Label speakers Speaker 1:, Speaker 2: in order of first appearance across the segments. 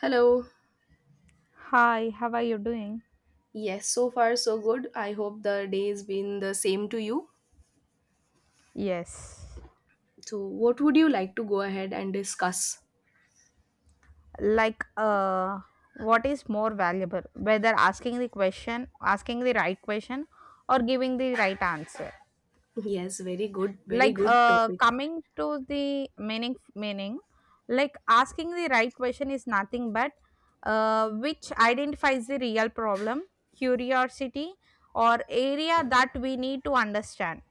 Speaker 1: Hello.
Speaker 2: Hi, how are you doing?
Speaker 1: Yes, so far so good. I hope the day has been the same to you.
Speaker 2: Yes.
Speaker 1: So, what would you like to go ahead and discuss?
Speaker 2: Like, uh, what is more valuable? Whether asking the question, asking the right question, or giving the right answer.
Speaker 1: Yes, very good, very good topic.
Speaker 2: Coming to the meaning, like asking the right question is nothing but which identifies the real problem, curiosity, or area that we need to understand.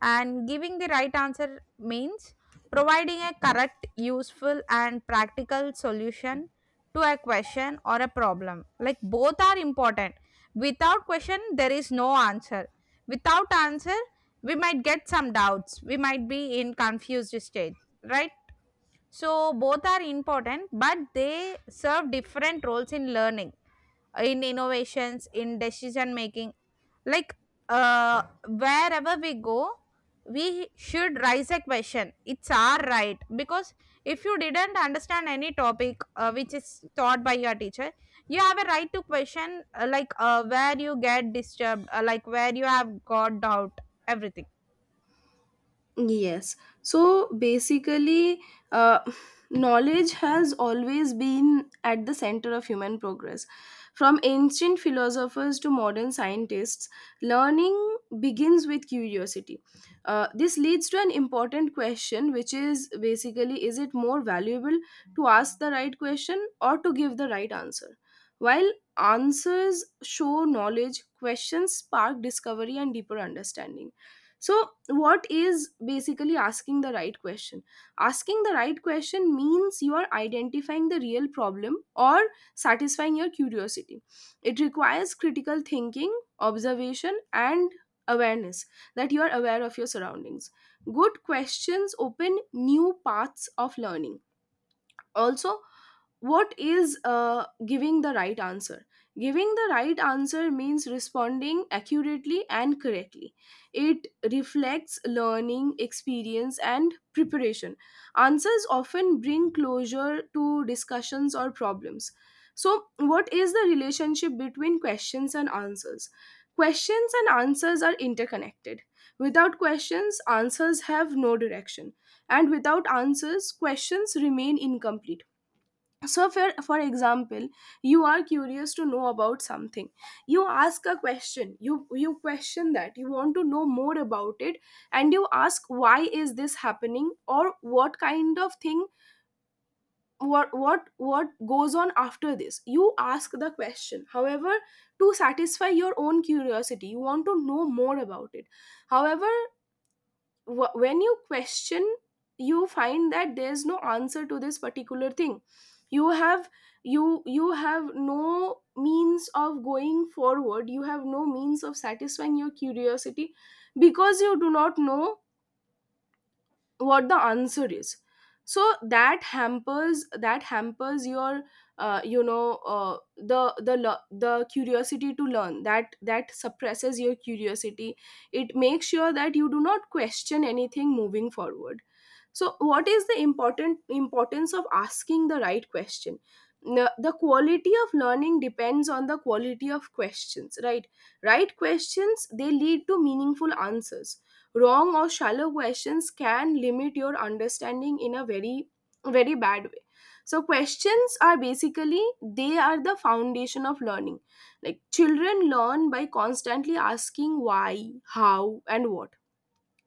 Speaker 2: And giving the right answer means providing a correct, useful, and practical solution to a question or a problem. Like both are important. Without question, there is no answer. Without answer, we might get some doubts. We might be in confused state, right? So both are important, but they serve different roles in learning, in innovations, in decision making, like wherever we go, we should raise a question. It's our right, because if you didn't understand any topic, which is taught by your teacher, you have a right to question, like where you get disturbed, like where you have got doubt, everything.
Speaker 1: Yes. So basically, uh, knowledge has always been at the center of human progress. From ancient philosophers to modern scientists, learning begins with curiosity. This leads to an important question, which is basically, is it more valuable to ask the right question or to give the right answer? While answers show knowledge, questions spark discovery and deeper understanding. So what is basically asking the right question? Asking the right question means you are identifying the real problem or satisfying your curiosity. It requires critical thinking, observation and awareness, that you are aware of your surroundings. Good questions open new paths of learning. Also, what is giving the right answer? Giving the right answer means responding accurately and correctly. It reflects learning experience and preparation. Answers often bring closure to discussions or problems. So what is the relationship between questions and answers? Questions and answers are interconnected. Without questions, answers have no direction, and without answers, questions remain incomplete. So for example, you are curious to know about something, you ask a question, you question that you want to know more about it, and you ask why is this happening or what kind of thing, what goes on after this. You ask the question, however, to satisfy your own curiosity, you want to know more about it. However, when you question, you find that there's no answer to this particular thing. You have, you have no means of going forward, you have no means of satisfying your curiosity, because you do not know what the answer is. So that hampers your the curiosity to learn. That suppresses your curiosity. It makes sure that you do not question anything moving forward. So what is the important importance of asking the right question? The quality of learning depends on the quality of questions, right? Right questions, they lead to meaningful answers. Wrong or shallow questions can limit your understanding in a very, very bad way. So questions are basically, they are the foundation of learning. Like children learn by constantly asking why, how and what.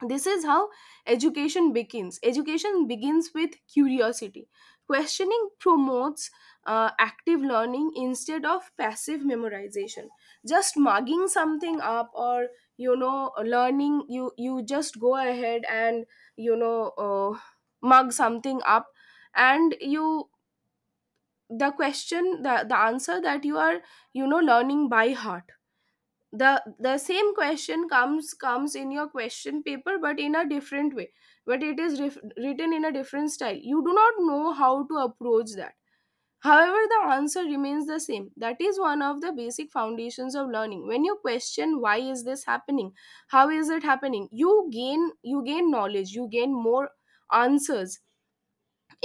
Speaker 1: This is how education begins with curiosity. Questioning promotes active learning instead of passive memorization. Just mugging something up, or you know, learning, you just go ahead and, you know, mug something up, and you, the question, the answer that you are, you know, learning by heart, the same question comes in your question paper, but in a different way. But it is written in a different style, you do not know how to approach that. However, the answer remains the same. That is one of the basic foundations of learning. When you question why is this happening, how is it happening, you gain knowledge, you gain more answers.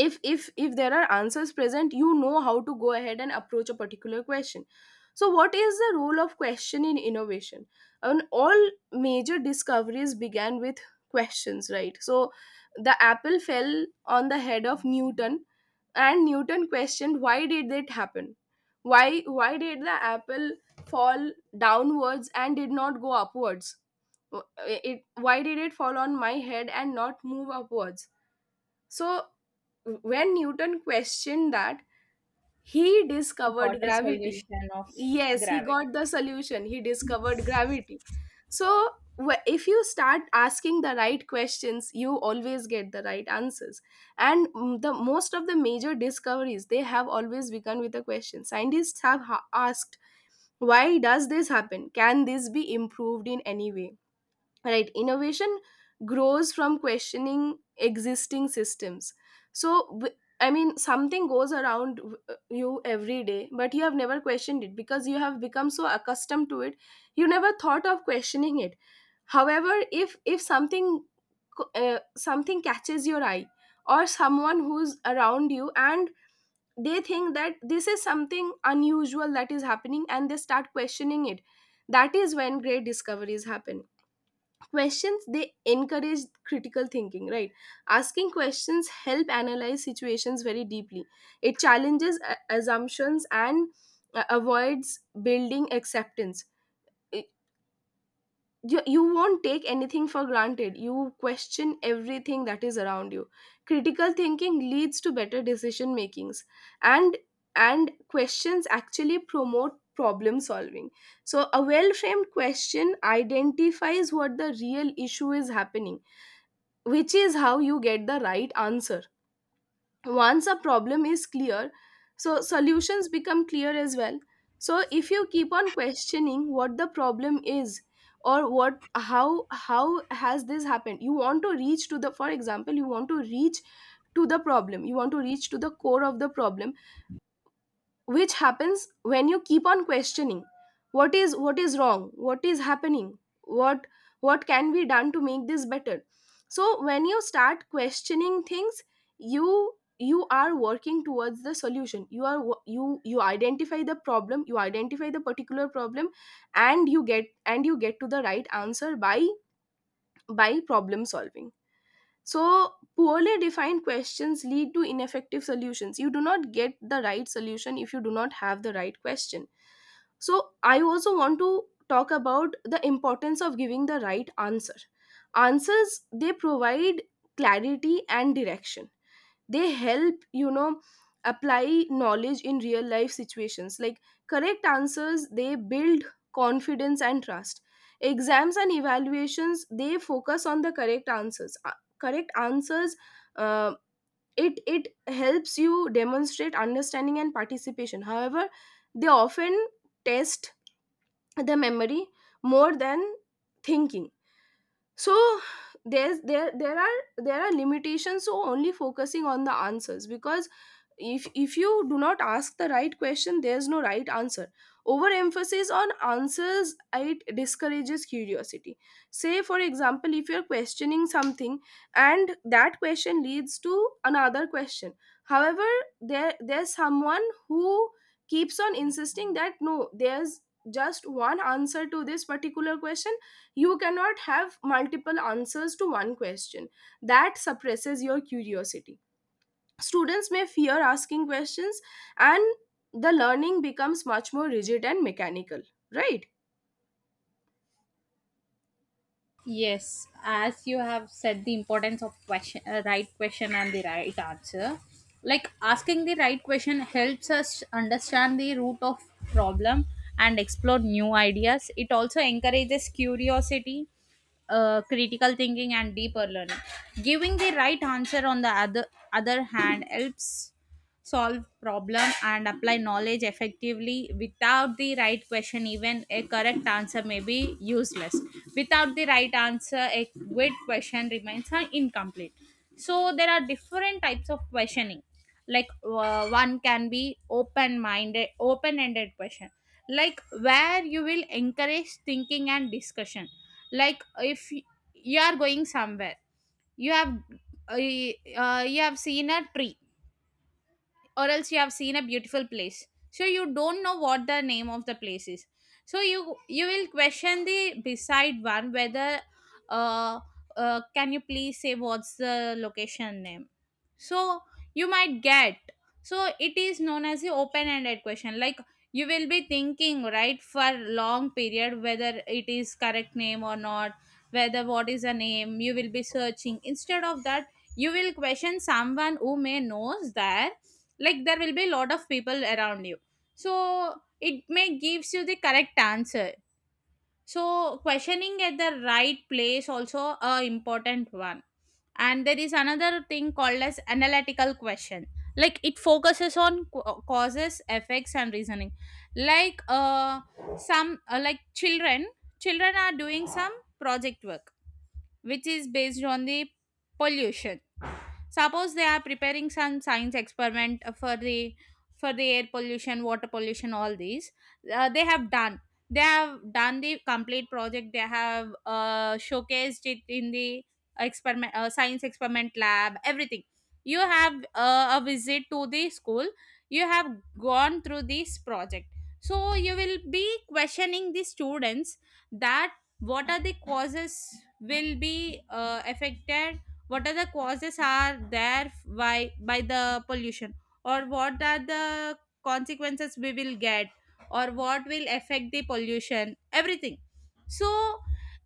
Speaker 1: If there are answers present, you know how to go ahead and approach a particular question. So what is the role of question in innovation? And all major discoveries began with questions, right? So the apple fell on the head of Newton, and Newton questioned, why did it happen? Why did the apple fall downwards and did not go upwards? It, why did it fall on my head and not move upwards? So when Newton questioned that, he
Speaker 2: Got
Speaker 1: discovered
Speaker 2: a
Speaker 1: gravity.
Speaker 2: solution of
Speaker 1: Yes, he got
Speaker 2: gravity.
Speaker 1: the solution. He discovered gravity. So, if you start asking the right questions, you always get the right answers. And mm, the most of the major discoveries, they have always begun with a question. Scientists have asked, "Why does this happen? Can this be improved in any way?" Right, innovation grows from questioning existing systems. So I mean, something goes around you every day, but you have never questioned it because you have become so accustomed to it. You never thought of questioning it. However, if something, something catches your eye, or someone who's around you, and they think that this is something unusual that is happening, and they start questioning it, that is when great discoveries happen. Questions, they encourage critical thinking, right? Asking questions help analyze situations very deeply. It challenges assumptions and avoids building acceptance. It- you won't take anything for granted, you question everything that is around you. Critical thinking leads to better decision makings. And and questions actually promote problem solving. So a well framed question identifies what the real issue is happening, which is how you get the right answer. Once a problem is clear, so solutions become clear as well. So if you keep on questioning what the problem is, or what, how has this happened, you want to reach to the, for example, you want to reach to the problem, you want to reach to the core of the problem, which happens when you keep on questioning what is, what is wrong, what is happening, what what can be done to make this better. So when you start questioning things, you are working towards the solution. You are you you identify the problem, you identify the particular problem, and you get to the right answer by problem solving. So, poorly defined questions lead to ineffective solutions. You do not get the right solution if you do not have the right question. So, I also want to talk about the importance of giving the right answer. Answers, they provide clarity and direction. They help, you know, apply knowledge in real life situations. Like correct answers, they build confidence and trust. Exams and evaluations, they focus on the correct answers. Correct answers, uh, it helps you demonstrate understanding and participation. However, they often test the memory more than thinking. So there's there there are limitations, so only focusing on the answers, because if you do not ask the right question, there's no right answer. Overemphasis on answers, it discourages curiosity. Say for example, if you're questioning something, and that question leads to another question, however, there's someone who keeps on insisting that no, there's just one answer to this particular question. You cannot have multiple answers to one question. That suppresses your curiosity. Students may fear asking questions, and the learning becomes much more rigid and mechanical, right?
Speaker 2: Yes, as you have said, the importance of question, right question and the right answer. Like asking the right question helps us understand the root of problem and explore new ideas. It also encourages curiosity, critical thinking, and deeper learning. Giving the right answer, on the other hand, helps solve problem and apply knowledge effectively. Without the right question, even a correct answer may be useless. Without the right answer, a good question remains incomplete. So there are different types of questioning. One can be open minded, open ended question, like where you will encourage thinking and discussion. Like if y- You are going somewhere, you have, you have seen a tree, or else you have seen a beautiful place, so you don't know what the name of the place is. So you will question the beside one, whether, uh, can you please say what's the location name? So you might get. So it is known as the open ended question. Like you will be thinking right for long period whether it is correct name or not, whether what is the name. You will be searching. Instead of that, you will question someone who may knows that. Like there will be a lot of people around you, so it may gives you the correct answer. So questioning at the right place also a important one. And there is another thing called as analytical question. Like it focuses on causes, effects and reasoning. Like uh some uh, like children, children are doing some project work which is based on the pollution. Suppose they are preparing some science experiment, for the, for the air pollution, water pollution, all these. They have done. They have done the complete project. They have showcased it in the experiment, science experiment lab. Everything. You have a visit to the school. You have gone through this project. So you will be questioning the students that what are the causes will be affected, what are the causes are there by by the pollution, or what are the consequences we will get, or what will affect the pollution, everything. So,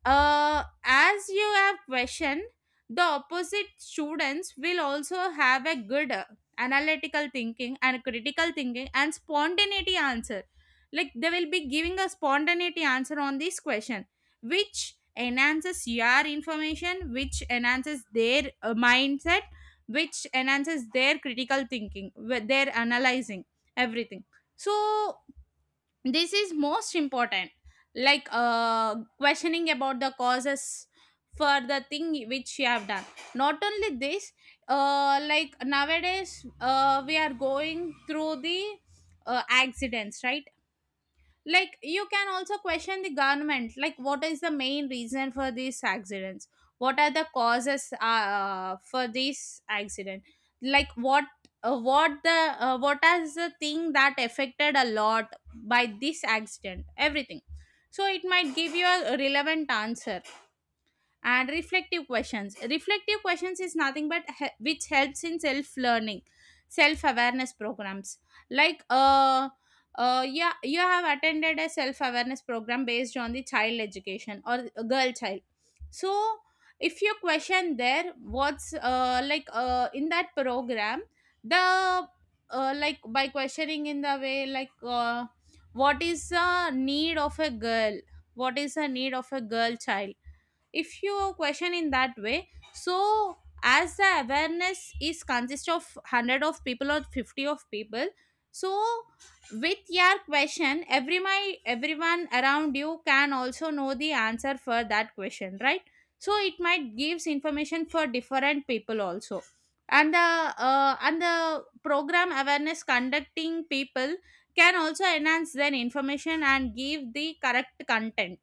Speaker 2: as you have questioned, the opposite students will also have a good analytical thinking and critical thinking and spontaneity answer. Like they will be giving a spontaneity answer on this question, which enhances your information, which enhances their mindset, which enhances their critical thinking, their analyzing, everything. So this is most important. Questioning about the causes for the thing which you have done. Not only this, like nowadays, we are going through the, accidents, right? Like you can also question the government, like what is the main reason for these accidents, what are the causes for this accident, like what, what the what is the thing that affected a lot by this accident, everything. So it might give you a relevant answer. And reflective questions, reflective questions is nothing but which helps in self learning, self awareness programs. like uh yeah, you have attended a self awareness program based on the child education or a girl child. So, if you question there, what's, like in that program, the, like by questioning in the way, like what is the need of a girl, what is the need of a girl child. If you question in that way, so as the awareness is consist of 100 of people or 50 of people, so with your question, everyone around you can also know the answer for that question, right? So it might gives information for different people also. And the, and the program awareness conducting people can also enhance their information and give the correct content.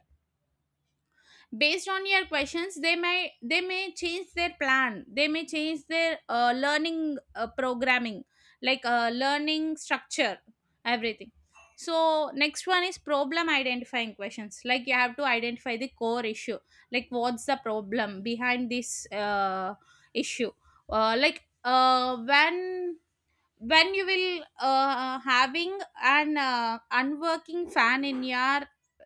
Speaker 2: Based on your questions, they may change their plan, they may change their learning, programming, like learning structure, everything. So next one is problem identifying questions. Like you have to identify the core issue, like what's the problem behind this issue. Like when you will having an unworking fan in your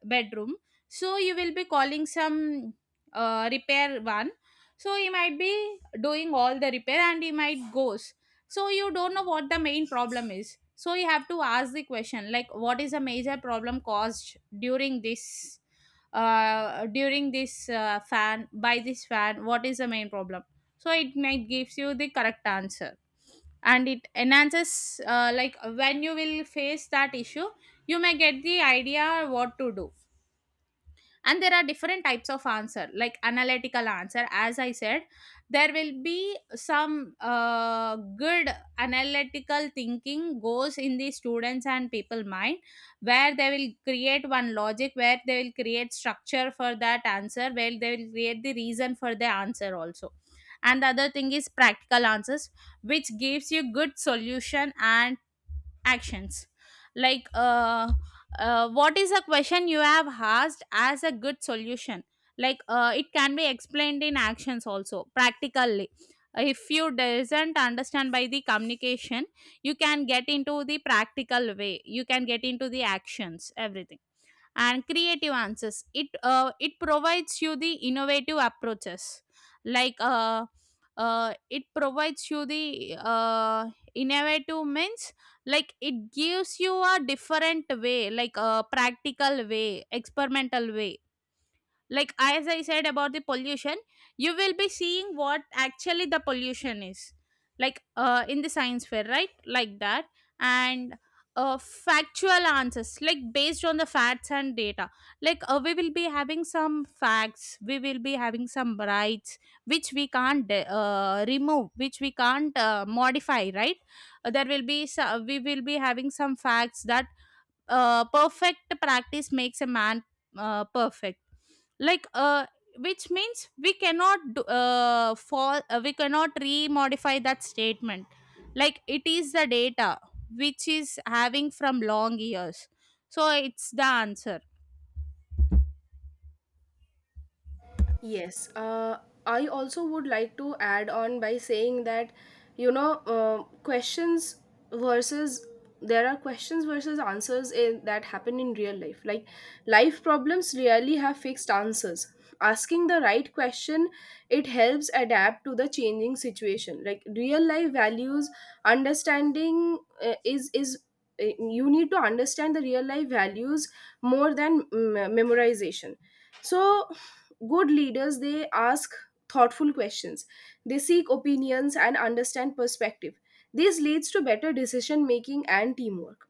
Speaker 2: bedroom, so you will be calling some repair one. So he might be doing all the repair and he might goes, so you don't know what the main problem is. So you have to ask the question like, what is a major problem caused during this, during this fan? By this fan, what is the main problem? So it might gives you the correct answer. And it enhances, like when you will face that issue, you may get the idea what to do. And there are different types of answer, like analytical answer. As I said, there will be some good analytical thinking goes in the students and people mind, where they will create one logic, where they will create structure for that answer, where they will create the reason for the answer also. And the other thing is practical answers, which gives you good solution and actions. Like, what is a question you have asked as a good solution. It can be explained in actions also practically. If you doesn't understand by the communication, you can get into the practical way, you can get into the actions, everything. And creative answers. It it provides you the innovative approaches, like it provides you the innovative means, like it gives you a different way, like a practical way, experimental way, like as I said about the pollution. You will be seeing what actually the pollution is, like in the science fair, right, like that. And factual answers, like based on the facts and data. We will be having some facts, we will be having some rights, which we can't remove, which we can't modify, right? There will be we will be having some facts that, perfect practice makes a man perfect. like uh which means we cannot do- fall we cannot remodify that statement. Like it is the data which is having from long years, so it's the answer.
Speaker 1: Yes, I also would like to add on by saying that, you know, questions versus, there are questions versus answers in, that happen in real life. Like, life problems rarely have fixed answers. Asking the right question, it helps adapt to the changing situation. Like real life values, understanding is you need to understand the real life values more than mm, memorization. So good leaders, they ask thoughtful questions. They seek opinions and understand perspective. This leads to better decision making and teamwork.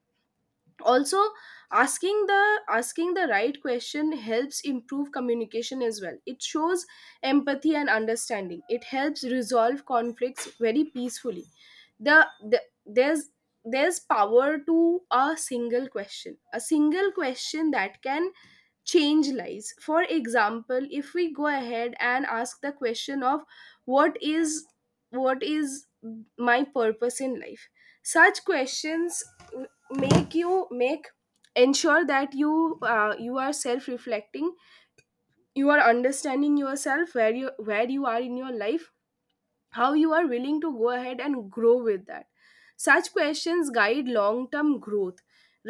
Speaker 1: Also, asking the right question helps improve communication as well. It shows empathy and understanding. It helps resolve conflicts very peacefully. The, the there's there's power to a single question, a single question that can change lives. For example, if we go ahead and ask the question of what is, what is my purpose in life, such questions make you make, ensure that you you are self reflecting, you are understanding yourself, where you, where you are in your life, how you are willing to go ahead and grow with that. Such questions guide long term growth,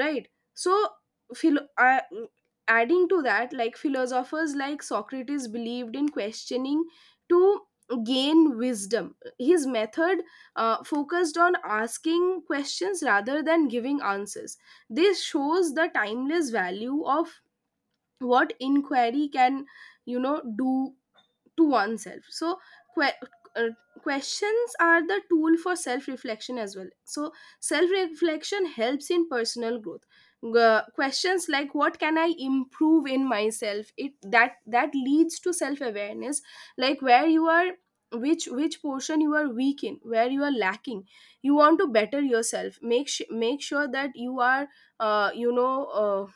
Speaker 1: right? So philo- uh, adding to that, like philosophers like Socrates believed in questioning to gain wisdom. His method focused on asking questions rather than giving answers. This shows the timeless value of what inquiry can, you know, do to oneself. So que- uh, questions are the tool for self reflection as well. So self reflection helps in personal growth. Questions like what can I improve in myself, it that that leads to self awareness, like where you are, which portion you are weak in, where you are lacking. You want to better yourself, make make sure that you are, uh, you know uh,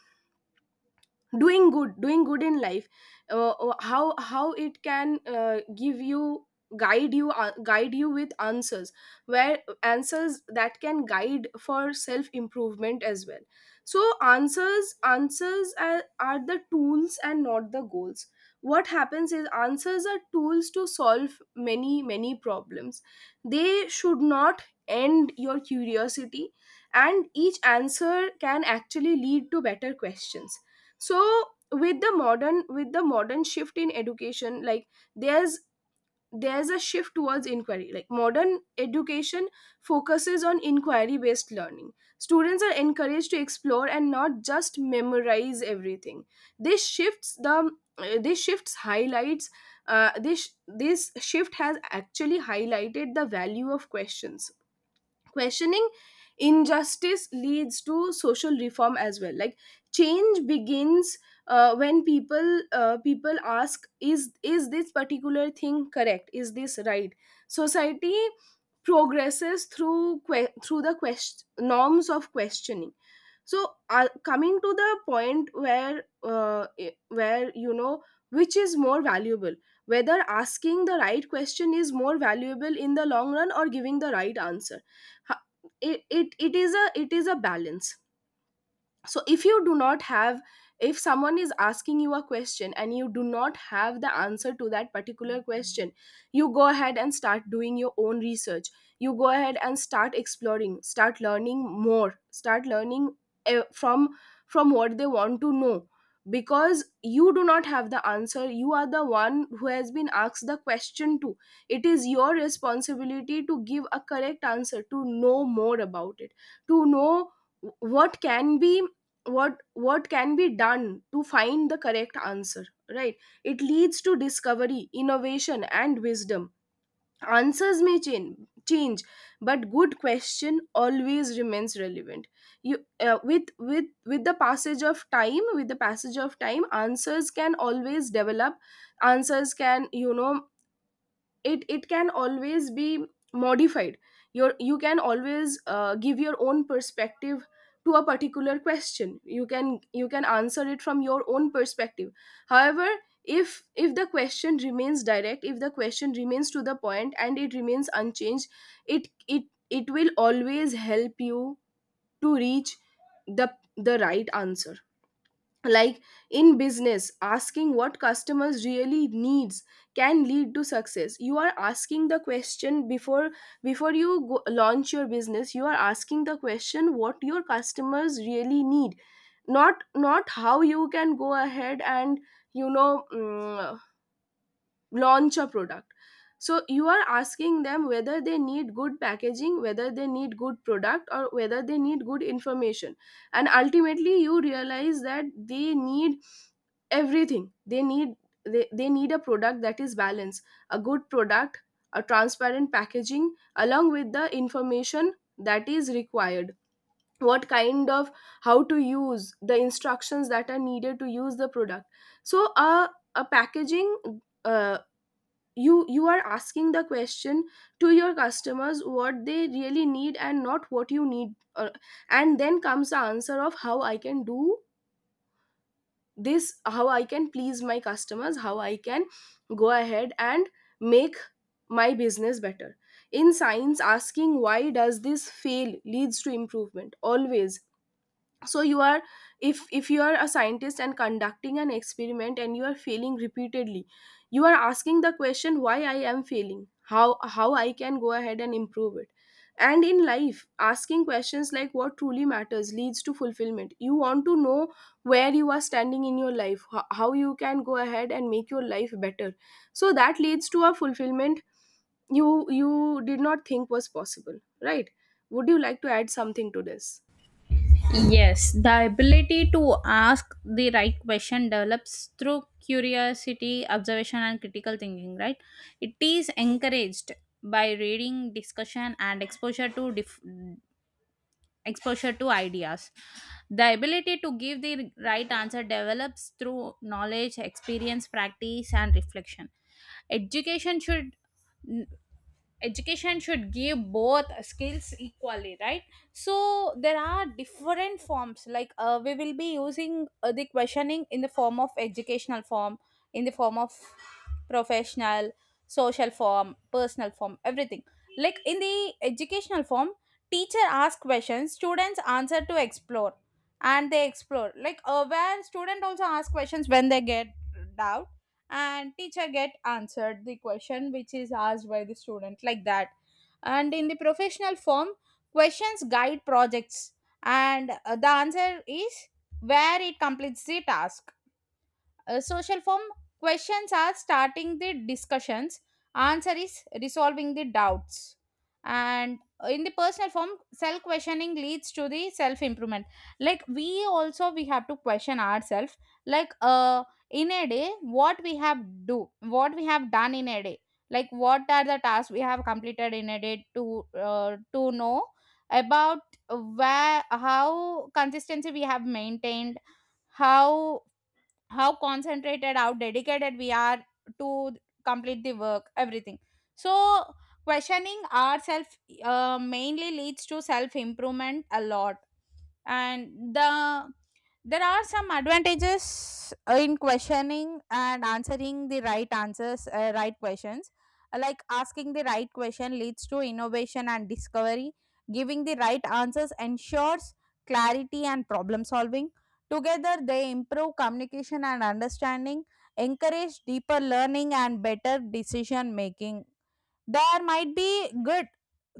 Speaker 1: doing good in life. How it can, give you guide you, guide you with answers, where answers that can guide for self improvement as well. So answers are the tools and not the goals. What happens is, answers are tools to solve many problems. They should not end your curiosity, and each answer can actually lead to better questions. So with the modern shift in education, like there's there's a shift towards inquiry. Like modern education focuses on inquiry based learning. Students are encouraged to explore and not just memorize everything. This shifts the this shifts highlights This shift has actually highlighted the value of questions questioning Injustice leads to social reform as well. Change begins when people ask, is this particular thing correct? Is this right? Society progresses through norms of questioning. So, coming to the point where which is more valuable, whether asking the right question is more valuable in the long run or giving the right answer. Ha- it is a balance. So if you do not have, if someone is asking you a question and you do not have the answer to that particular question, you go ahead and start doing your own research. You go ahead and start exploring, start learning more start learning eh, from what they want to know. Because you do not have the answer, you are the one who has been asked the question to. It is your responsibility to give a correct answer, to know more about it, to know what can be, what can be done to find the correct answer, right? It leads to discovery, innovation, and wisdom. Answers may change, but good question always remains relevant. You uh, with with with the passage of time, with the passage of time, answers can always develop. Answers can you know it it can always be modified. You can always give your own perspective to a particular question. You can answer it from your own perspective. However, if the question remains direct, if the question remains to the point and it remains unchanged, it it will always help you to reach the right answer. Like in business, asking what customers really needs can lead to success. You are asking the question before, before you go, launch your business. You are asking the question what your customers really need, not how you can go ahead and, you know mm, launch a product. So you are asking them whether they need good packaging, whether they need good product, or whether they need good information. And ultimately you realize that they need everything. They need, they need a product that is balanced, a good product, a transparent packaging along with the information that is required. What kind of, how to use, the instructions that are needed to use the product. So a packaging, uh, you are asking the question to your customers what they really need and not what you need. And then comes the answer of how I can do this, how I can please my customers, how I can go ahead and make my business better. In science, asking why does this fail leads to improvement always. So you are, if you are a scientist and conducting an experiment and you are failing repeatedly, you are asking the question why I am failing, how I can go ahead and improve it. And in life, asking questions like what truly matters leads to fulfillment. You want to know where you are standing in your life, how you can go ahead and make your life better. So that leads to a fulfillment you did not think was possible, right? Would you like to add something to this?
Speaker 2: Yes, the ability to ask the right question develops through curiosity, observation and critical thinking, right? It is encouraged by reading, discussion and exposure to exposure to ideas. The ability to give the right answer develops through knowledge, experience, practice, and reflection. Education should education should give both skills equally, right? So there are different forms, like we will be using the questioning in the form of educational form, in the form of professional, social form, personal form, everything. Like in the educational form, teacher asks questions, students answer to explore. And they explore, like where student also ask questions when they get doubt, and teacher get answered the question which is asked by the student, like that. And in the professional form, questions guide projects, and the answer is where it completes the task. Uh, social form, questions are starting the discussions, answer is resolving the doubts. And in the personal form, self questioning leads to the self improvement. Like we also we have to question ourselves. Like in a day, what we have do, what we have done in a day. Like what are the tasks we have completed in a day to know about where how consistency we have maintained, how how concentrated, how dedicated we are to complete the work, everything. So questioning ourselves mainly leads to self improvement a lot. And the There are some advantages in questioning and answering the right answers, right questions. Like asking the right question leads to innovation and discovery. Giving the right answers ensures clarity and problem solving. Together they improve communication and understanding, encourage deeper learning and better decision making. There might be good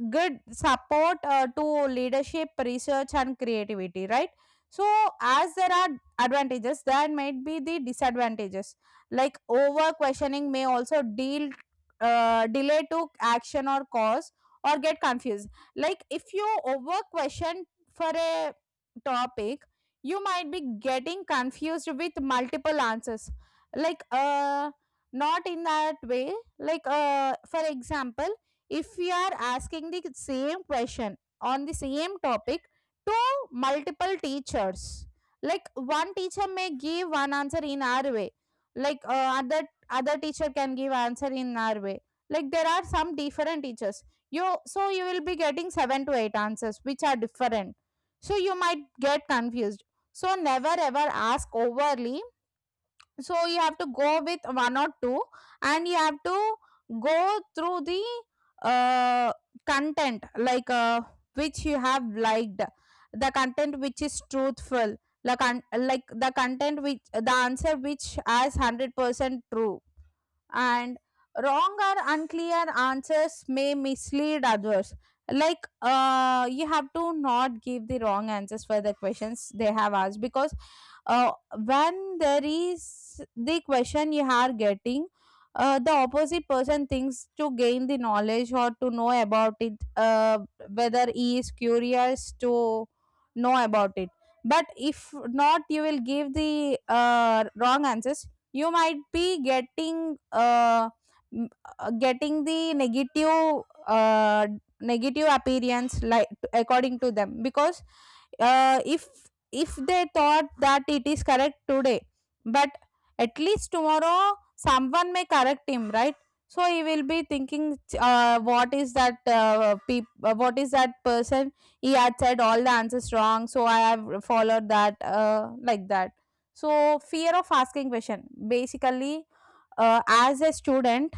Speaker 2: good support to leadership, research, and creativity, right? So, as there are advantages, there might be the disadvantages. Like over questioning may also deal, delay to action or cause or get confused. Like if you over question for a topic, you might be getting confused with multiple answers. Like not in that way, like for example, if we are asking the same question on the same topic to multiple teachers, like one teacher may give one answer in our way, like other teacher can give answer in our way, like there are some different teachers. You so you will be getting seven to eight answers which are different, so you might get confused. So never ever ask overly. So you have to go with one or two, and you have to go through the uh, content, like which you have liked, the content which is truthful, like, like the content which, the answer which has 100% true. And wrong or unclear answers may mislead others. Like you have to not give the wrong answers for the questions they have asked, because uh, when there is the question you are getting, the opposite person thinks to gain the knowledge or to know about it, whether he is curious to know about it. But if not, you will give the wrong answers. You might be getting m- getting the negative, negative appearance, like, according to them, because uh, if if they thought that it is correct today, but at least tomorrow someone may correct him, right? So he will be thinking, what is that what is that person, he had said all the answers wrong, so I have followed that, like that. So fear of asking question, basically, as a student,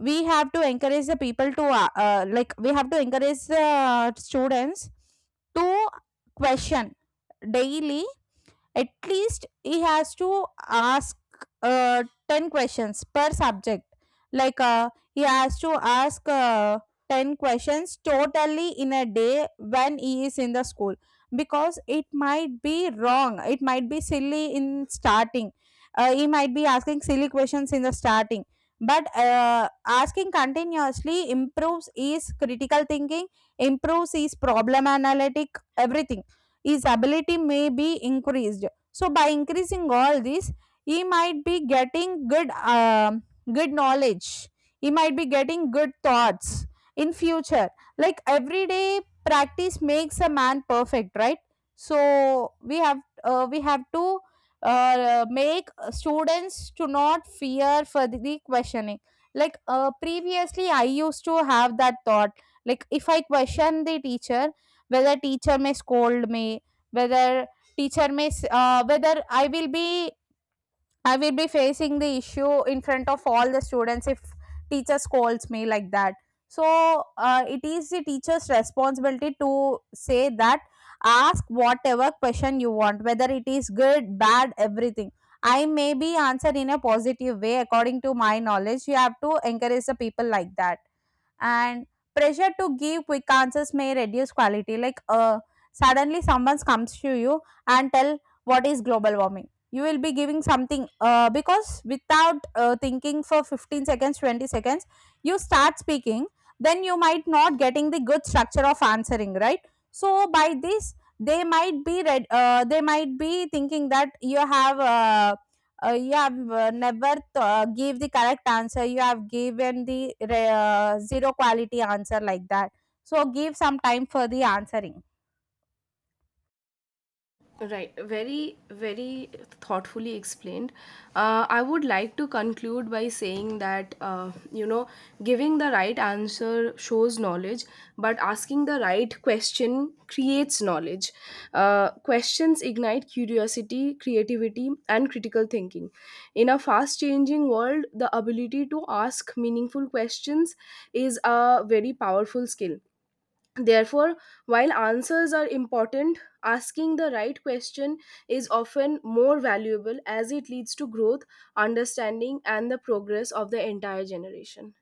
Speaker 2: we have to encourage the people to like we have to encourage the students to question daily. At least he has to ask uh, 10 questions per subject. Like he has to ask 10 questions totally in a day when he is in the school. Because it might be wrong, it might be silly in starting. He might be asking silly questions in the starting, but asking continuously improves his critical thinking, improves his problem analytic, everything. His ability may be increased. So by increasing all these, he might be getting good, good knowledge. He might be getting good thoughts in future. Like, everyday practice makes a man perfect, right? So we have we have to make students to not fear for the questioning. Like previously I used to have that thought, like if I question the teacher, whether teacher may scold me, whether teacher may whether I will be facing the issue in front of all the students if teacher scolds me, like that. So it is the teacher's responsibility to say that, ask whatever question you want, whether it is good, bad, everything. I may be answered in a positive way according to my knowledge. You have to encourage the people like that. And pressure to give quick answers may reduce quality. Like suddenly someone comes to you and tell, what is global warming? You will be giving something, because without thinking for 15 seconds, 20 seconds, you start speaking. Then you might not getting the good structure of answering, right? So by this they might be read they might be thinking that you have never give the correct answer. You have given the zero quality answer, like that. So give some time for the answering.
Speaker 1: Right, very, very thoughtfully explained. I would like to conclude by saying that, giving the right answer shows knowledge, but asking the right question creates knowledge. Questions ignite curiosity, creativity, and critical thinking. In a fast changing world, the ability to ask meaningful questions is a very powerful skill. Therefore, while answers are important, asking the right question is often more valuable as it leads to growth, understanding, and the progress of the entire generation.